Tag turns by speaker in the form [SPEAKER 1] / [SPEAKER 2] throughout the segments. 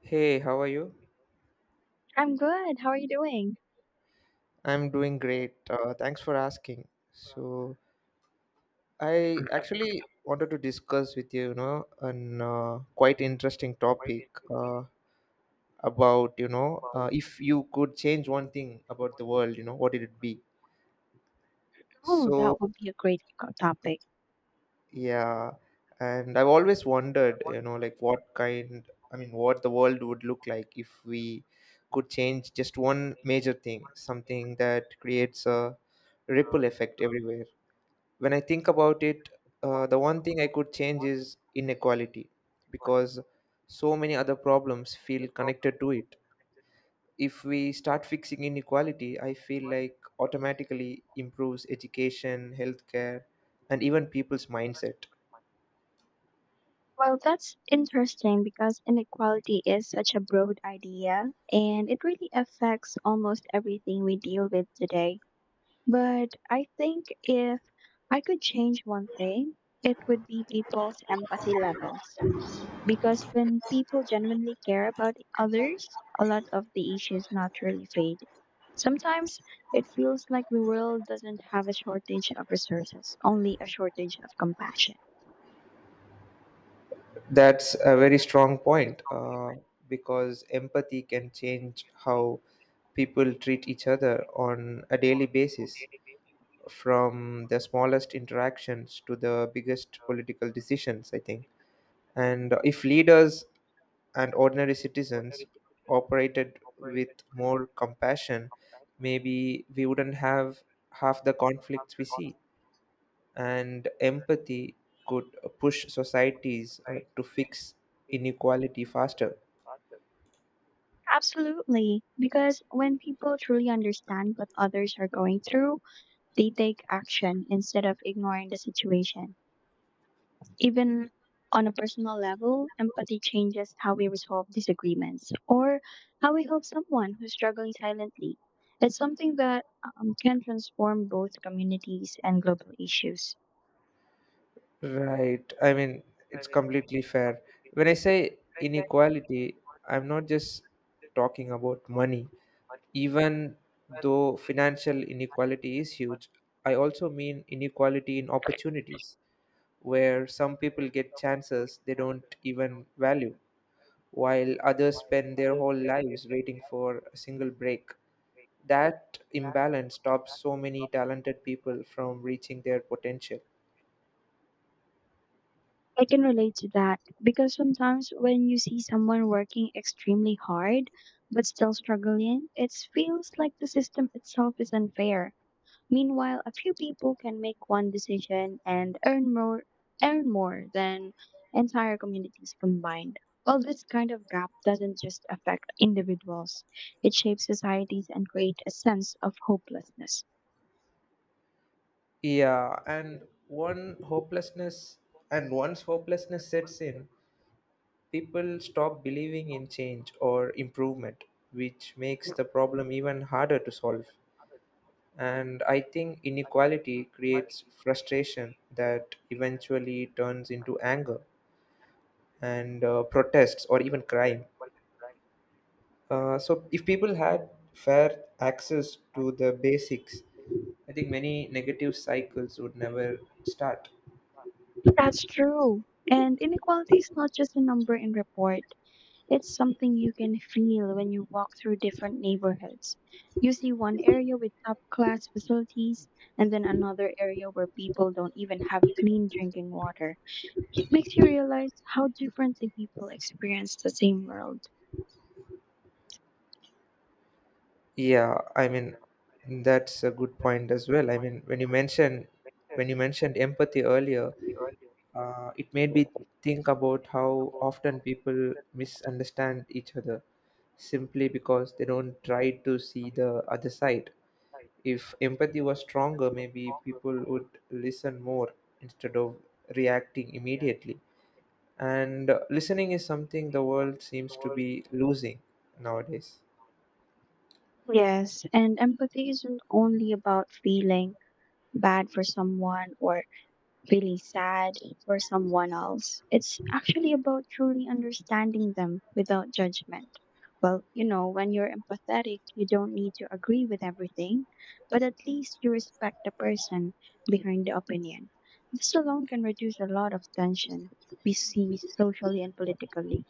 [SPEAKER 1] Hey, how are you?
[SPEAKER 2] I'm good. How are you doing?
[SPEAKER 1] I'm doing great. Thanks for asking. I actually wanted to discuss with you, you know, an quite interesting topic uh, about, you know, if you could change one thing about the world, you know, what did it be?
[SPEAKER 2] Oh, that
[SPEAKER 1] So,
[SPEAKER 2] would be a great topic.
[SPEAKER 1] yeah, and I've always wondered, you know, I mean, what the world would look like if we could change just one major thing, something that creates a ripple effect everywhere. When I think about it, the one thing I could change is inequality because so many other problems feel connected to it. If we start fixing inequality, I feel like automatically improves education, healthcare, and even people's mindset.
[SPEAKER 2] Well, that's interesting because inequality is such a broad idea and it really affects almost everything we deal with today. But I think if I could change one thing, it would be people's empathy levels. Because when people genuinely care about others, a lot of the issues naturally fade. Sometimes it feels like the world doesn't have a shortage of resources, only a shortage of compassion.
[SPEAKER 1] That's a very strong point, because empathy can change how people treat each other on a daily basis, from the smallest interactions to the biggest political decisions, I think. And if leaders and ordinary citizens operated with more compassion, maybe we wouldn't have half the conflicts we see. And empathy could push societies to fix inequality faster.
[SPEAKER 2] Absolutely. Because when people truly understand what others are going through, they take action instead of ignoring the situation. Even on a personal level, empathy changes how we resolve disagreements or how we help someone who's struggling silently. It's something that can transform both communities and global issues.
[SPEAKER 1] Right. I mean, it's completely fair. When I say inequality, I'm not just talking about money. Even though financial inequality is huge, I also mean inequality in opportunities, where some people get chances they don't even value, while others spend their whole lives waiting for a single break. That imbalance stops so many talented people from reaching their potential.
[SPEAKER 2] I can relate to that because sometimes when you see someone working extremely hard but still struggling, it feels like the system itself is unfair. Meanwhile, a few people can make one decision and earn more than entire communities combined. Well, this kind of gap doesn't just affect individuals. It shapes societies and creates a sense of hopelessness.
[SPEAKER 1] Yeah, and one hopelessness and once hopelessness sets in, people stop believing in change or improvement, which makes the problem even harder to solve. And I think inequality creates frustration that eventually turns into anger and protests or even crime. So, if people had fair access to the basics, I think many negative cycles would never start.
[SPEAKER 2] That's true. And inequality is not just a number in report. It's something you can feel when you walk through different neighborhoods. You see one area with top class facilities and then another area where people don't even have clean drinking water. It makes you realize how differently people experience the same world.
[SPEAKER 1] Yeah, I mean, that's a good point as well. I mean, when you mentioned empathy earlier, it made me think about how often people misunderstand each other simply because they don't try to see the other side. If empathy was stronger, maybe people would listen more instead of reacting immediately. And listening is something the world seems to be losing nowadays.
[SPEAKER 2] Yes, and empathy isn't only about feeling bad for someone or feeling sad for someone else. It's actually about truly understanding them without judgment. Well, you know, when you're empathetic, you don't need to agree with everything, but at least you respect the person behind the opinion. This alone can reduce a lot of tension we see socially and politically.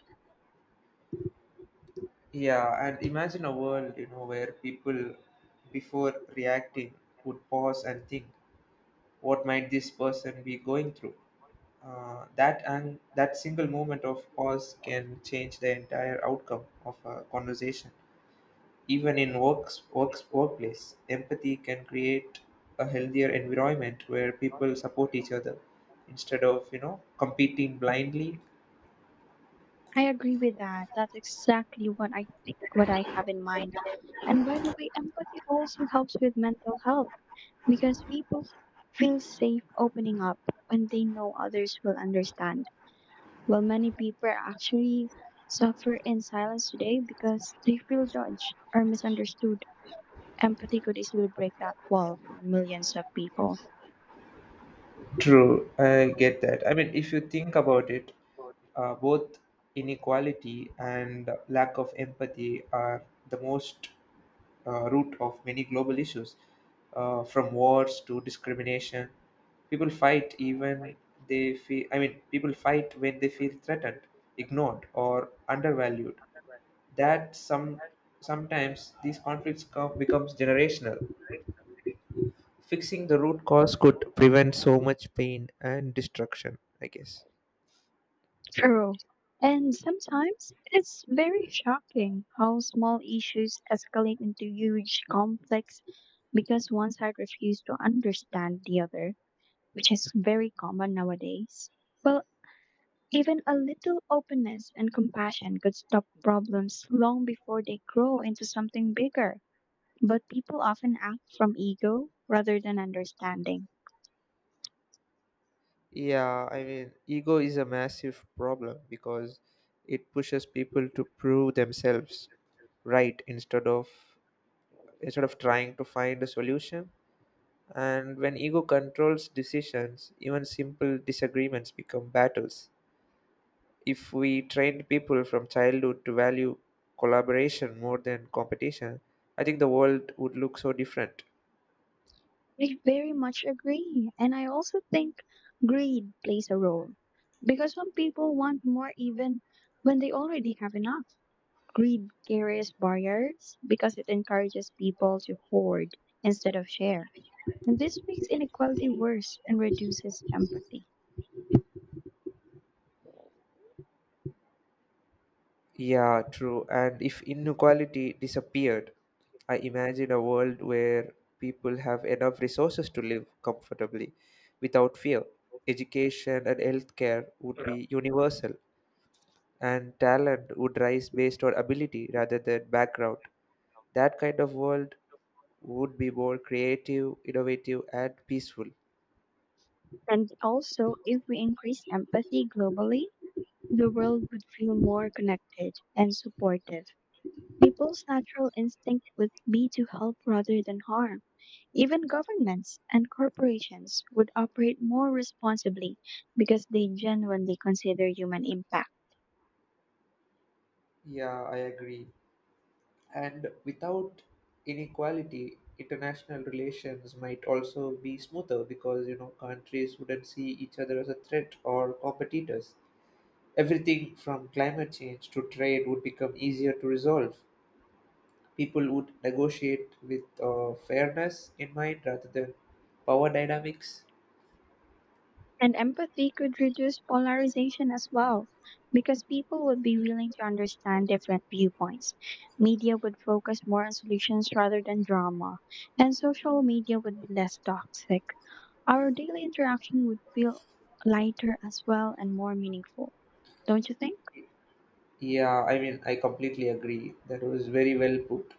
[SPEAKER 1] Yeah, and imagine a world, you know, where people, before reacting, would pause and think, what might this person be going through? That single moment of pause can change the entire outcome of a conversation. Even in works, works workplace, empathy can create a healthier environment where people support each other instead of, you know, competing blindly.
[SPEAKER 2] I agree with that. That's exactly what I think, what I have in mind. And by the way, empathy also helps with mental health because people feel safe opening up when they know others will understand. While many people actually suffer in silence today because they feel judged or misunderstood, empathy could easily break that wall for millions of people.
[SPEAKER 1] True, I get that. I mean, if you think about it, both inequality and lack of empathy are the most root of many global issues, from wars to discrimination. People fight even they feel. I mean, people fight when they feel threatened, ignored, or undervalued. That some Sometimes these conflicts come becomes generational. Fixing the root cause could prevent so much pain and destruction, I guess.
[SPEAKER 2] True. And sometimes it's very shocking how small issues escalate into huge conflicts because one side refuses to understand the other, which is very common nowadays. Well, even a little openness and compassion could stop problems long before they grow into something bigger. But people often act from ego rather than understanding.
[SPEAKER 1] Yeah, I mean, ego is a massive problem because it pushes people to prove themselves right instead of trying to find a solution. And when ego controls decisions, even simple disagreements become battles. If we trained people from childhood to value collaboration more than competition, I think the world would look so different.
[SPEAKER 2] I very much agree. And I also think greed plays a role because some people want more even when they already have enough. Greed carries barriers because it encourages people to hoard instead of share. And this makes inequality worse and reduces empathy.
[SPEAKER 1] Yeah, true. And if inequality disappeared, I imagine a world where people have enough resources to live comfortably without fear. Education and healthcare would be universal, and talent would rise based on ability rather than background. That kind of world would be more creative, innovative, and peaceful.
[SPEAKER 2] And also, if we increase empathy globally, the world would feel more connected and supportive. People's natural instinct would be to help rather than harm. Even governments and corporations would operate more responsibly because they genuinely consider human impact.
[SPEAKER 1] Yeah, I agree. And without inequality, international relations might also be smoother, because, you know, countries wouldn't see each other as a threat or competitors. Everything from climate change to trade would become easier to resolve. People would negotiate with fairness in mind rather than power dynamics.
[SPEAKER 2] And empathy could reduce polarization as well because people would be willing to understand different viewpoints. Media would focus more on solutions rather than drama, and social media would be less toxic. Our daily interaction would feel lighter as well and more meaningful, don't you think?
[SPEAKER 1] Yeah, I mean, I completely agree. That was very well put.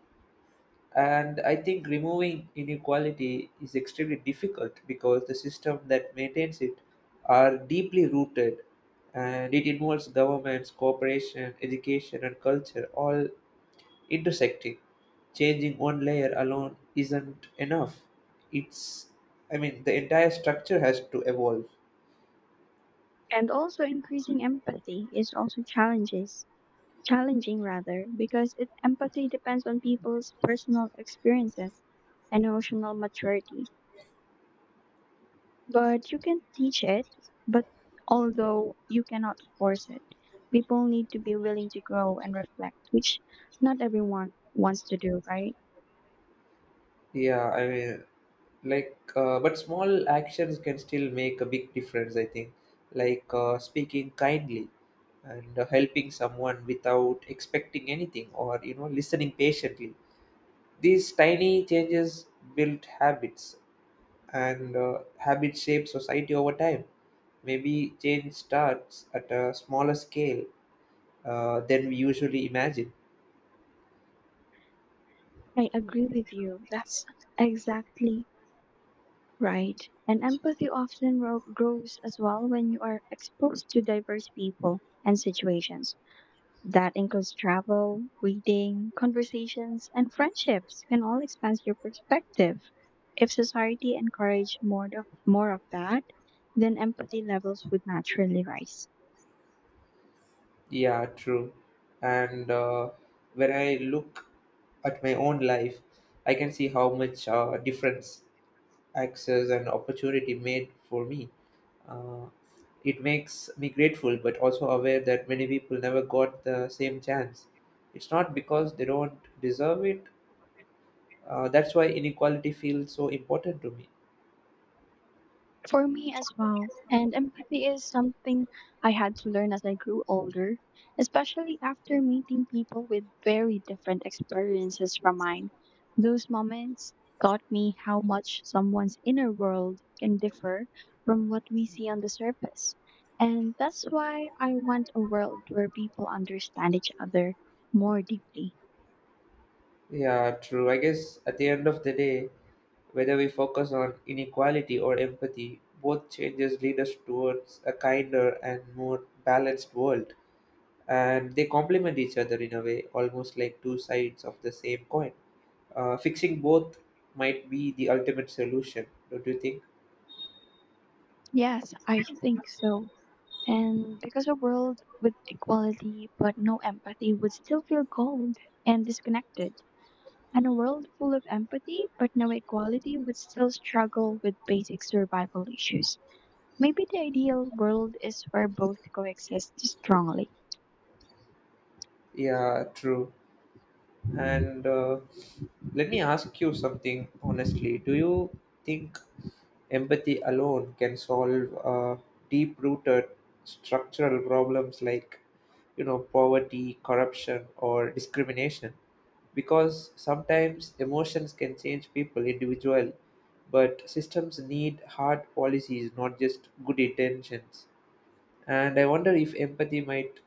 [SPEAKER 1] And I think removing inequality is extremely difficult because the system that maintains it are deeply rooted, and it involves governments, cooperation, education, and culture all intersecting. Changing one layer alone isn't enough. It's, I mean, the entire structure has to evolve.
[SPEAKER 2] And also, increasing empathy is also challenges. Challenging rather, because it, empathy depends on people's personal experiences and emotional maturity. But you can teach it, but although you cannot force it, people need to be willing to grow and reflect, which not everyone wants to do, right?
[SPEAKER 1] Yeah, I mean, but small actions can still make a big difference, I think. Speaking kindly and helping someone without expecting anything, or, you know, listening patiently. These tiny changes build habits, and habits shape society over time. Maybe change starts at a smaller scale than we usually imagine.
[SPEAKER 2] I agree with you. That's exactly right. And empathy often grows as well when you are exposed to diverse people and situations. That includes travel, reading, conversations, and friendships can all expand your perspective. If society encouraged more of that, then empathy levels would naturally rise.
[SPEAKER 1] Yeah, true. And when I look at my own life, I can see how much difference access and opportunity made for me. Uh, it makes me grateful, but also aware that many people never got the same chance. It's not because they don't deserve it. That's why inequality feels so important to me.
[SPEAKER 2] For me as well. And empathy is something I had to learn as I grew older, especially after meeting people with very different experiences from mine. Those moments taught me how much someone's inner world can differ from what we see on the surface. And that's why I want a world where people understand each other more deeply.
[SPEAKER 1] Yeah, true. I guess at the end of the day, whether we focus on inequality or empathy, both changes lead us towards a kinder and more balanced world. And they complement each other in a way, almost like two sides of the same coin. Fixing both might be the ultimate solution, don't you think?
[SPEAKER 2] Yes, I think so. And because a world with equality but no empathy would still feel cold and disconnected. And a world full of empathy but no equality would still struggle with basic survival issues. Maybe the ideal world is where both coexist strongly.
[SPEAKER 1] Yeah, true. And let me ask you something honestly. Do you think empathy alone can solve deep rooted structural problems like, you know, poverty, corruption, or discrimination? Because sometimes emotions can change people individually, but systems need hard policies, not just good intentions. And I wonder if empathy might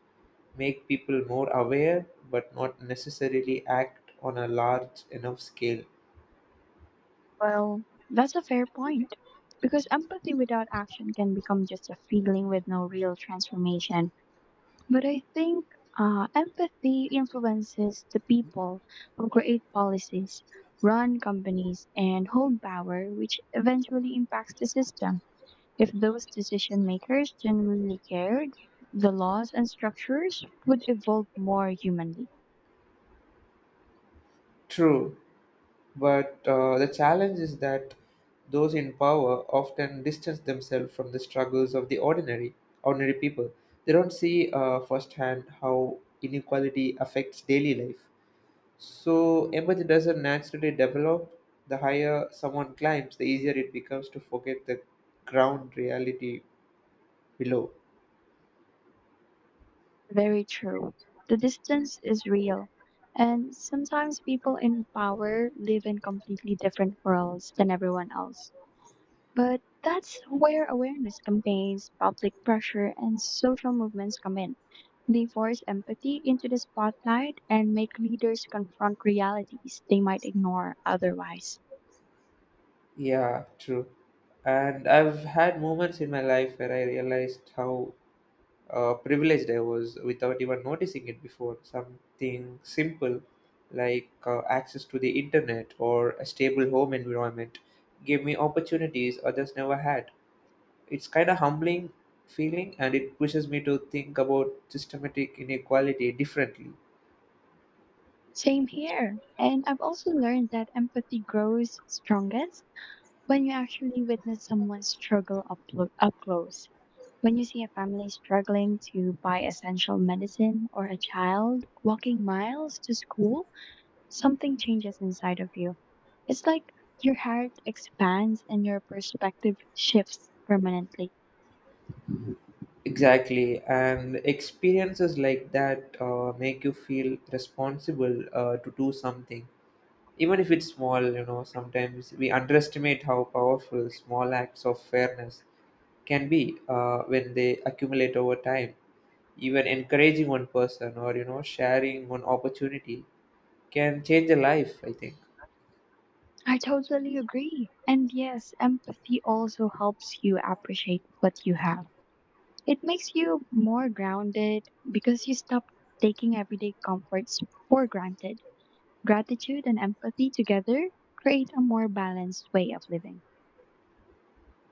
[SPEAKER 1] make people more aware but not necessarily act on a large enough scale.
[SPEAKER 2] Well, that's a fair point. Because empathy without action can become just a feeling with no real transformation. But I think empathy influences the people who create policies, run companies, and hold power, which eventually impacts the system. If those decision makers genuinely cared, the laws and structures would evolve more humanly.
[SPEAKER 1] True, but the challenge is that those in power often distance themselves from the struggles of the ordinary people. They don't see firsthand how inequality affects daily life. So empathy doesn't naturally develop. The higher someone climbs, the easier it becomes to forget the ground reality below.
[SPEAKER 2] Very true. The distance is real. And sometimes people in power live in completely different worlds than everyone else. But that's where awareness campaigns, public pressure, and social movements come in. They force empathy into the spotlight and make leaders confront realities they might ignore otherwise.
[SPEAKER 1] Yeah, true. And I've had moments in my life where I realized how privileged I was without even noticing it before. Something simple like access to the internet or a stable home environment gave me opportunities others never had. It's kind of humbling feeling, and it pushes me to think about systematic inequality differently.
[SPEAKER 2] Same here. And I've also learned that empathy grows strongest when you actually witness someone struggle up close. When you see a family struggling to buy essential medicine or a child walking miles to school, something changes inside of you. It's like your heart expands and your perspective shifts permanently.
[SPEAKER 1] Exactly, and experiences like that make you feel responsible to do something. Even if it's small, you know, sometimes we underestimate how powerful small acts of fairness can be when they accumulate over time. Even encouraging one person, or, you know, sharing one opportunity can change a life, I think.
[SPEAKER 2] I totally agree. And yes, empathy also helps you appreciate what you have. It makes you more grounded because you stop taking everyday comforts for granted. Gratitude and empathy together create a more balanced way of living.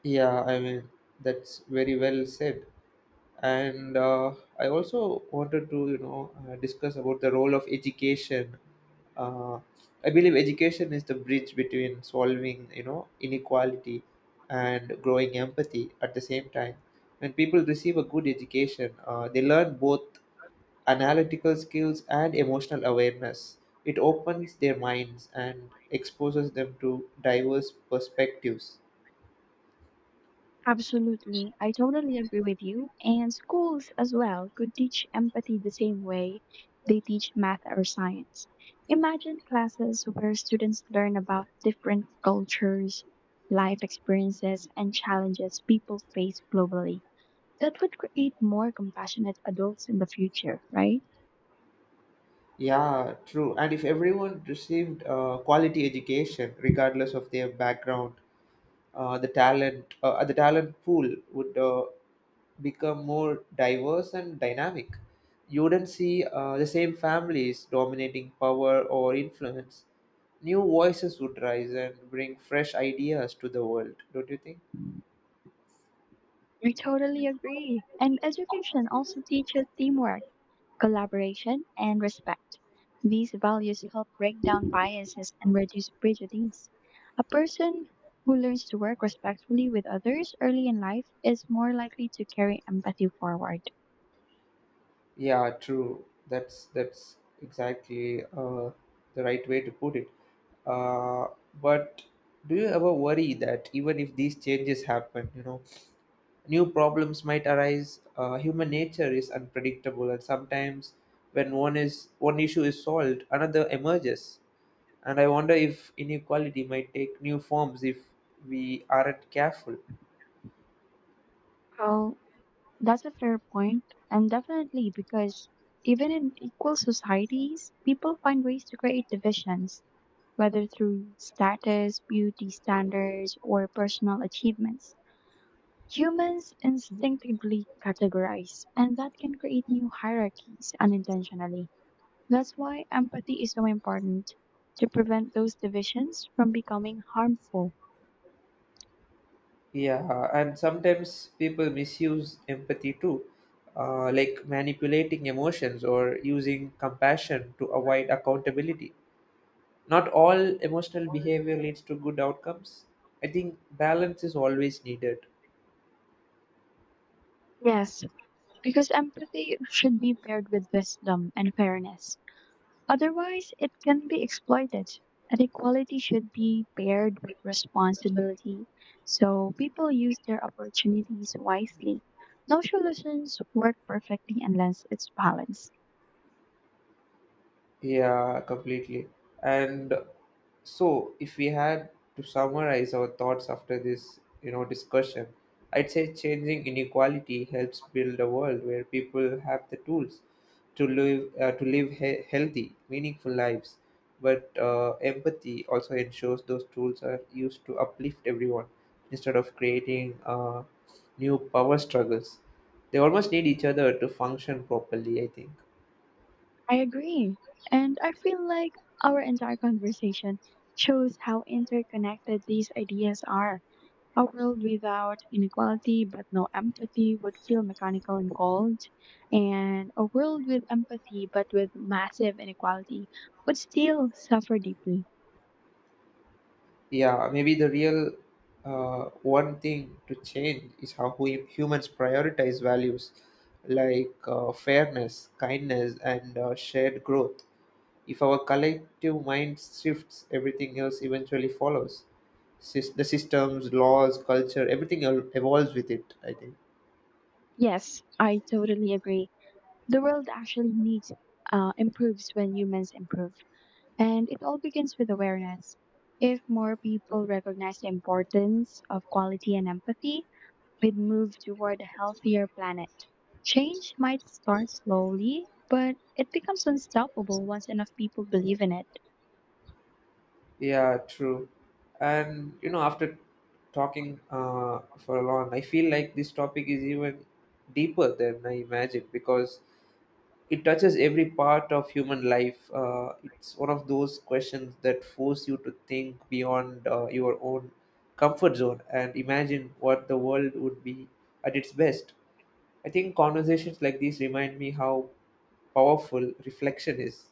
[SPEAKER 1] Yeah, I mean, that's very well said. And I also wanted to, you know, discuss about the role of education uh, I believe education is the bridge between solving, you know, inequality and growing empathy at the same time. When people receive a good education, they learn both analytical skills and emotional awareness. It opens their minds and exposes them to diverse perspectives.
[SPEAKER 2] Absolutely. I totally agree with you. And schools as well could teach empathy the same way they teach math or science. Imagine classes where students learn about different cultures, life experiences, and challenges people face globally. That would create more compassionate adults in the future, right?
[SPEAKER 1] Yeah, true. And if everyone received quality education regardless of their background, the talent pool would become more diverse and dynamic. You wouldn't see the same families dominating power or influence. New voices would rise and bring fresh ideas to the world, don't you think?
[SPEAKER 2] We totally agree. And education also teaches teamwork, collaboration, and respect. These values help break down biases and reduce prejudice. A person who learns to work respectfully with others early in life is more likely to carry empathy forward.
[SPEAKER 1] Yeah, true. That's exactly the right way to put it. Uh, but do you ever worry that even if these changes happen, you know, new problems might arise? Human nature is unpredictable, and sometimes when one is one issue is solved, another emerges. And I wonder if inequality might take new forms if we aren't careful.
[SPEAKER 2] Well, that's a fair point, and definitely because even in equal societies, people find ways to create divisions, whether through status, beauty standards, or personal achievements. Humans instinctively categorize, and that can create new hierarchies unintentionally. That's why empathy is so important to prevent those divisions from becoming harmful.
[SPEAKER 1] Yeah, and sometimes people misuse empathy too, like manipulating emotions or using compassion to avoid accountability. Not all emotional behavior leads to good outcomes. I think balance is always needed.
[SPEAKER 2] Yes, because empathy should be paired with wisdom and fairness. Otherwise, it can be exploited. And equality should be paired with responsibility so people use their opportunities wisely. No solutions work perfectly unless it's balanced.
[SPEAKER 1] Yeah, completely. And if we had to summarize our thoughts after this, you know, discussion, I'd say changing inequality helps build a world where people have the tools to live healthy, meaningful lives. But empathy also ensures those tools are used to uplift everyone instead of creating new power struggles. They almost need each other to function properly, I think.
[SPEAKER 2] I agree. And I feel like our entire conversation shows how interconnected these ideas are. A world without inequality but no empathy would feel mechanical and cold. And a world with empathy but with massive inequality would still suffer deeply.
[SPEAKER 1] Yeah, maybe the real one thing to change is how we humans prioritize values like fairness, kindness, and shared growth. If our collective mind shifts, everything else eventually follows. The systems, laws, culture, everything evolves with it, I think.
[SPEAKER 2] Yes, I totally agree. The world actually needs improves when humans improve. And it all begins with awareness. If more people recognize the importance of quality and empathy, we'd move toward a healthier planet. Change might start slowly, but it becomes unstoppable once enough people believe in it.
[SPEAKER 1] Yeah, true. And you know, after talking for long, I feel like this topic is even deeper than I imagined because it touches every part of human life. It's one of those questions that force you to think beyond your own comfort zone and imagine what the world would be at its best. I think conversations like these remind me how powerful reflection is.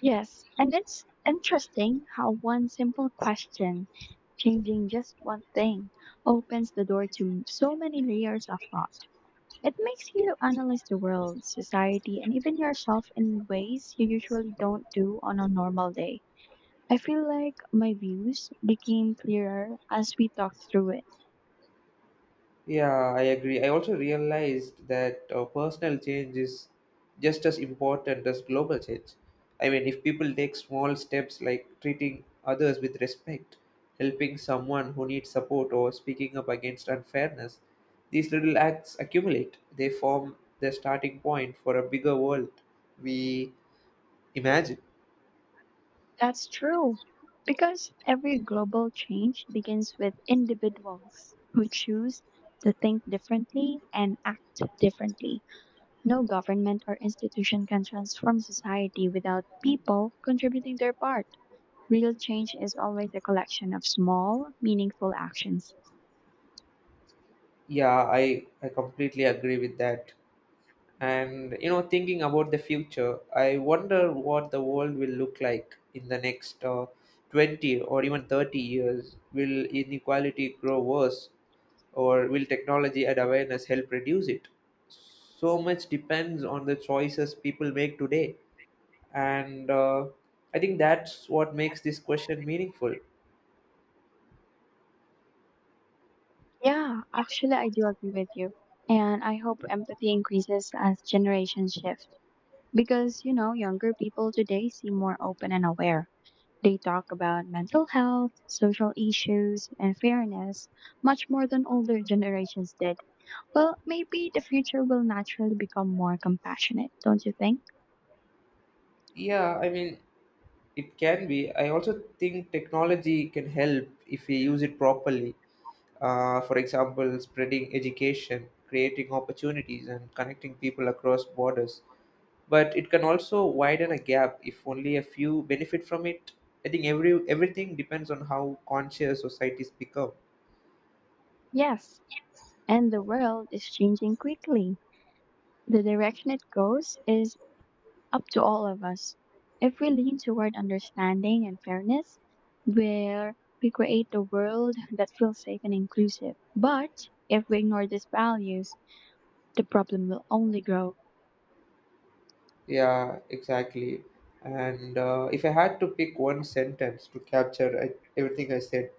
[SPEAKER 2] Yes, and it's interesting how one simple question, changing just one thing, opens the door to so many layers of thought. It makes you analyze the world, society, and even yourself in ways you usually don't do on a normal day. I feel like my views became clearer as we talked through it.
[SPEAKER 1] Yeah, I agree. I also realized that personal change is just as important as global change. I mean, if people take small steps like treating others with respect, helping someone who needs support, or speaking up against unfairness, these little acts accumulate. They form the starting point for a bigger world we imagine.
[SPEAKER 2] That's true. Because every global change begins with individuals who choose to think differently and act differently. No government or institution can transform society without people contributing their part. Real change is always a collection of small, meaningful actions.
[SPEAKER 1] Yeah, I completely agree with that. And you know, thinking about the future, I wonder what the world will look like in the next 20 or even 30 years. Will inequality grow worse, or will technology and awareness help reduce it? So much depends on the choices people make today. And I think that's what makes this question meaningful.
[SPEAKER 2] Yeah, actually, I do agree with you. And I hope empathy increases as generations shift. Because, you know, younger people today seem more open and aware. They talk about mental health, social issues, and fairness much more than older generations did. Well, maybe the future will naturally become more compassionate, don't you think?
[SPEAKER 1] Yeah, I mean, it can be. I also think technology can help if we use it properly. Uh, for example, spreading education, creating opportunities, and connecting people across borders. But it can also widen a gap if only a few benefit from it. I think everything depends on how conscious societies become.
[SPEAKER 2] Yes. And the world is changing quickly. The direction it goes is up to all of us. If we lean toward understanding and fairness, where we create a world that feels safe and inclusive. But if we ignore these values, the problem will only grow.
[SPEAKER 1] Yeah, exactly. And if I had to pick one sentence to capture everything I said,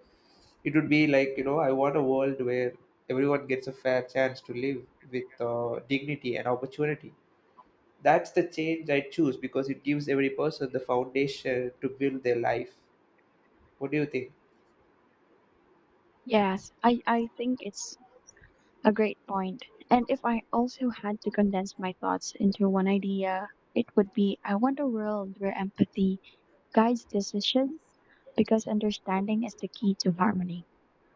[SPEAKER 1] it would be like, you know, I want a world where everyone gets a fair chance to live with dignity and opportunity. That's the change I choose because it gives every person the foundation to build their life. What do you think?
[SPEAKER 2] Yes, I think it's a great point. And if I also had to condense my thoughts into one idea, it would be I want a world where empathy guides decisions because understanding is the key to harmony.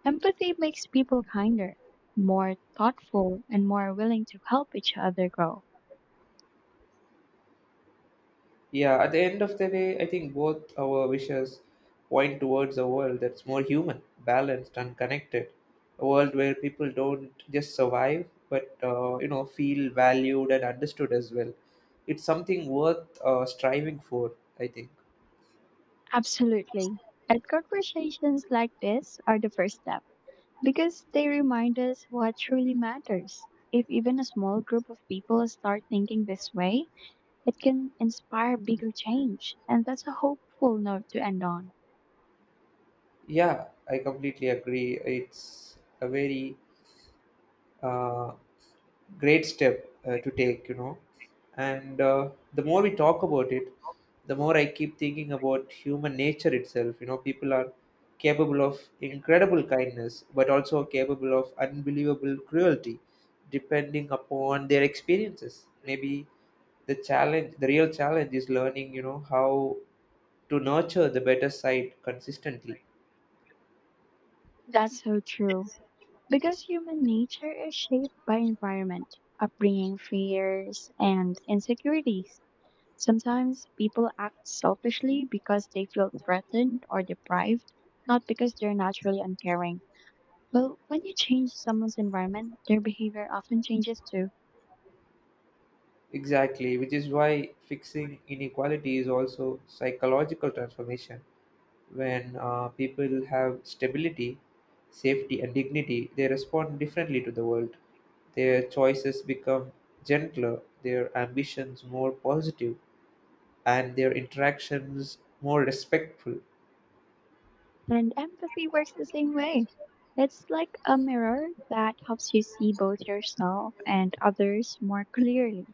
[SPEAKER 2] Empathy makes people kinder, more thoughtful, and more willing to help each other grow.
[SPEAKER 1] Yeah, at the end of the day, I think both our wishes point towards a world that's more human, balanced, and connected. A world where people don't just survive, but feel valued and understood as well. It's something worth striving for, I think.
[SPEAKER 2] Absolutely. And conversations like this are the first step because they remind us what truly matters. If even a small group of people start thinking this way, it can inspire bigger change. And that's a hopeful note to end on.
[SPEAKER 1] Yeah, I completely agree. It's a very uh, great step to take, you know. And the more we talk about it, the more I keep thinking about human nature itself. You know, people are capable of incredible kindness but also capable of unbelievable cruelty depending upon their experiences. Maybe the real challenge is learning, you know, how to nurture the better side consistently.
[SPEAKER 2] That's so true. Because human nature is shaped by environment, upbringing, fears, and insecurities. Sometimes people act selfishly because they feel threatened or deprived, not because they're naturally uncaring. Well, when you change someone's environment, their behavior often changes too.
[SPEAKER 1] Exactly, which is why fixing inequality is also psychological transformation. When people have stability, safety, and dignity, they respond differently to the world. Their choices become gentler, their ambitions more positive, and their interactions more respectful.
[SPEAKER 2] And empathy works the same way. It's like a mirror that helps you see both yourself and others more clearly.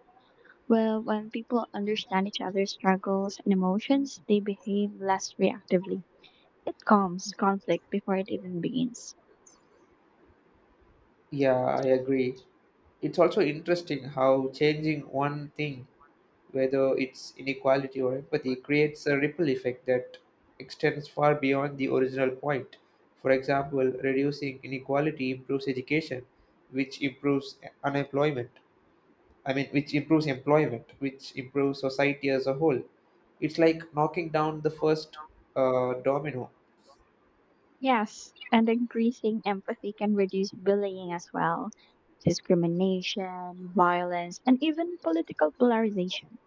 [SPEAKER 2] Well, when people understand each other's struggles and emotions, they behave less reactively. It calms conflict before it even begins.
[SPEAKER 1] Yeah, I agree. It's also interesting how changing one thing, whether it's inequality or empathy, creates a ripple effect that extends far beyond the original point. For example, reducing inequality improves education, which improves unemployment. I mean, which improves employment, which improves society as a whole. It's like knocking down the first domino.
[SPEAKER 2] Yes, and increasing empathy can reduce bullying as well, discrimination, violence, and even political polarization.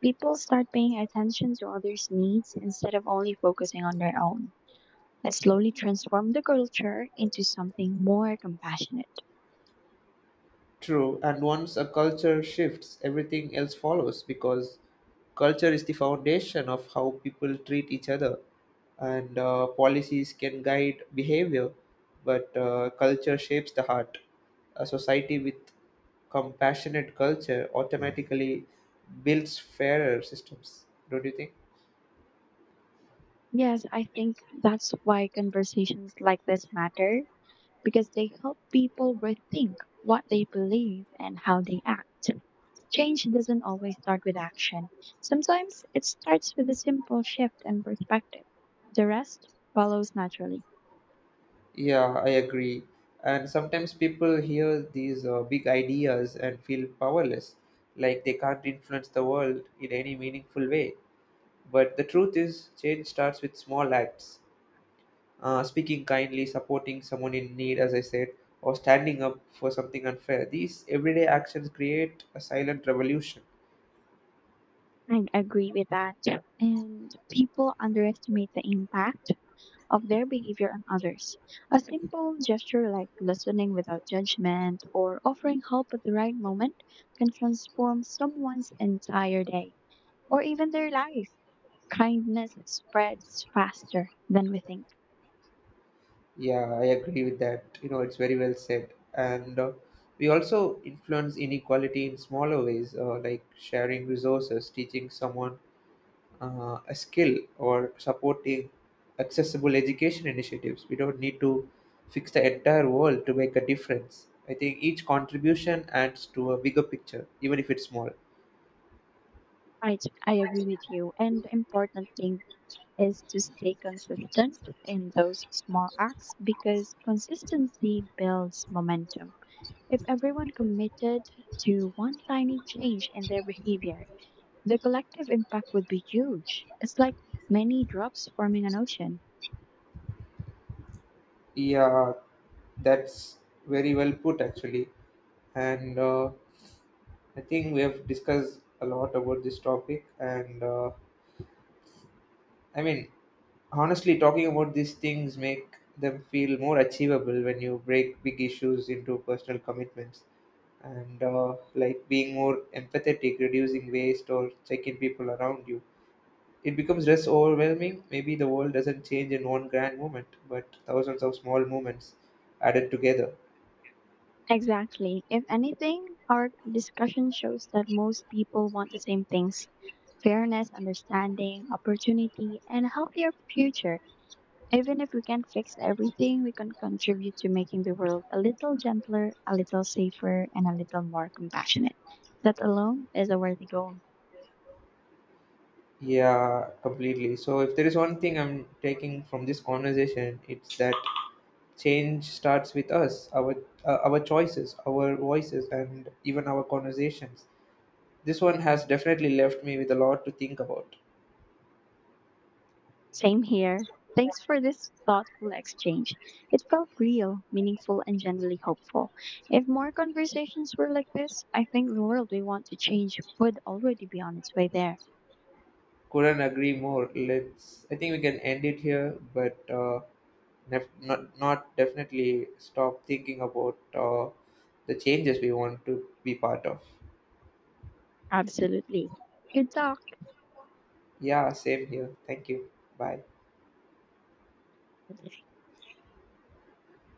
[SPEAKER 2] People start paying attention to others' needs instead of only focusing on their own. That slowly transform the culture into something more compassionate.
[SPEAKER 1] True, and once a culture shifts, everything else follows because culture is the foundation of how people treat each other, and policies can guide behavior, but culture shapes the heart. A society with compassionate culture automatically builds fairer systems, don't you think?
[SPEAKER 2] Yes, I think that's why conversations like this matter, because they help people rethink what they believe and how they act. Change doesn't always start with action. Sometimes it starts with a simple shift in perspective. The rest follows naturally.
[SPEAKER 1] Yeah, I agree. And sometimes people hear these big ideas and feel powerless, like they can't influence the world in any meaningful way. But the truth is, change starts with small acts. Speaking kindly, supporting someone in need, as I said, or standing up for something unfair. These everyday actions create a silent revolution.
[SPEAKER 2] I agree with that. And people underestimate the impact of their behavior on others. A simple gesture like listening without judgment or offering help at the right moment can transform someone's entire day or even their life. Kindness spreads faster than we think.
[SPEAKER 1] Yeah, I agree with that. You know, it's very well said. And we also influence inequality in smaller ways, like sharing resources, teaching someone a skill, or supporting accessible education initiatives. We don't need to fix the entire world to make a difference. I think each contribution adds to a bigger picture, even if it's small.
[SPEAKER 2] Right, I agree with you. And the important thing is to stay consistent in those small acts because consistency builds momentum. If everyone committed to one tiny change in their behavior, the collective impact would be huge. It's like many drops forming an ocean.
[SPEAKER 1] Yeah, that's very well put, actually. And I think we have discussed a lot about this topic, and I mean, honestly, talking about these things make them feel more achievable. When you break big issues into personal commitments and like being more empathetic, reducing waste, or checking people around you, it becomes less overwhelming. Maybe the world doesn't change in one grand moment, but thousands of small moments added together.
[SPEAKER 2] Exactly. If anything, our discussion shows that most people want the same things: fairness, understanding, opportunity, and a healthier future. Even if we can't fix everything, we can contribute to making the world a little gentler, a little safer, and a little more compassionate. That alone is a worthy goal.
[SPEAKER 1] Yeah, completely. So, if there is one thing I'm taking from this conversation, it's that change starts with us, our choices, our voices, and even our conversations. This one has definitely left me with a lot to think about.
[SPEAKER 2] Same here. Thanks for this thoughtful exchange. It felt real, meaningful, and generally hopeful. If more conversations were like this, I think the world we want to change would already be on its way there.
[SPEAKER 1] Couldn't agree more. Let's. I think we can end it here, but nef- not not definitely stop thinking about the changes we want to be part of.
[SPEAKER 2] Absolutely. Good talk.
[SPEAKER 1] Yeah, same here. Thank you. Bye.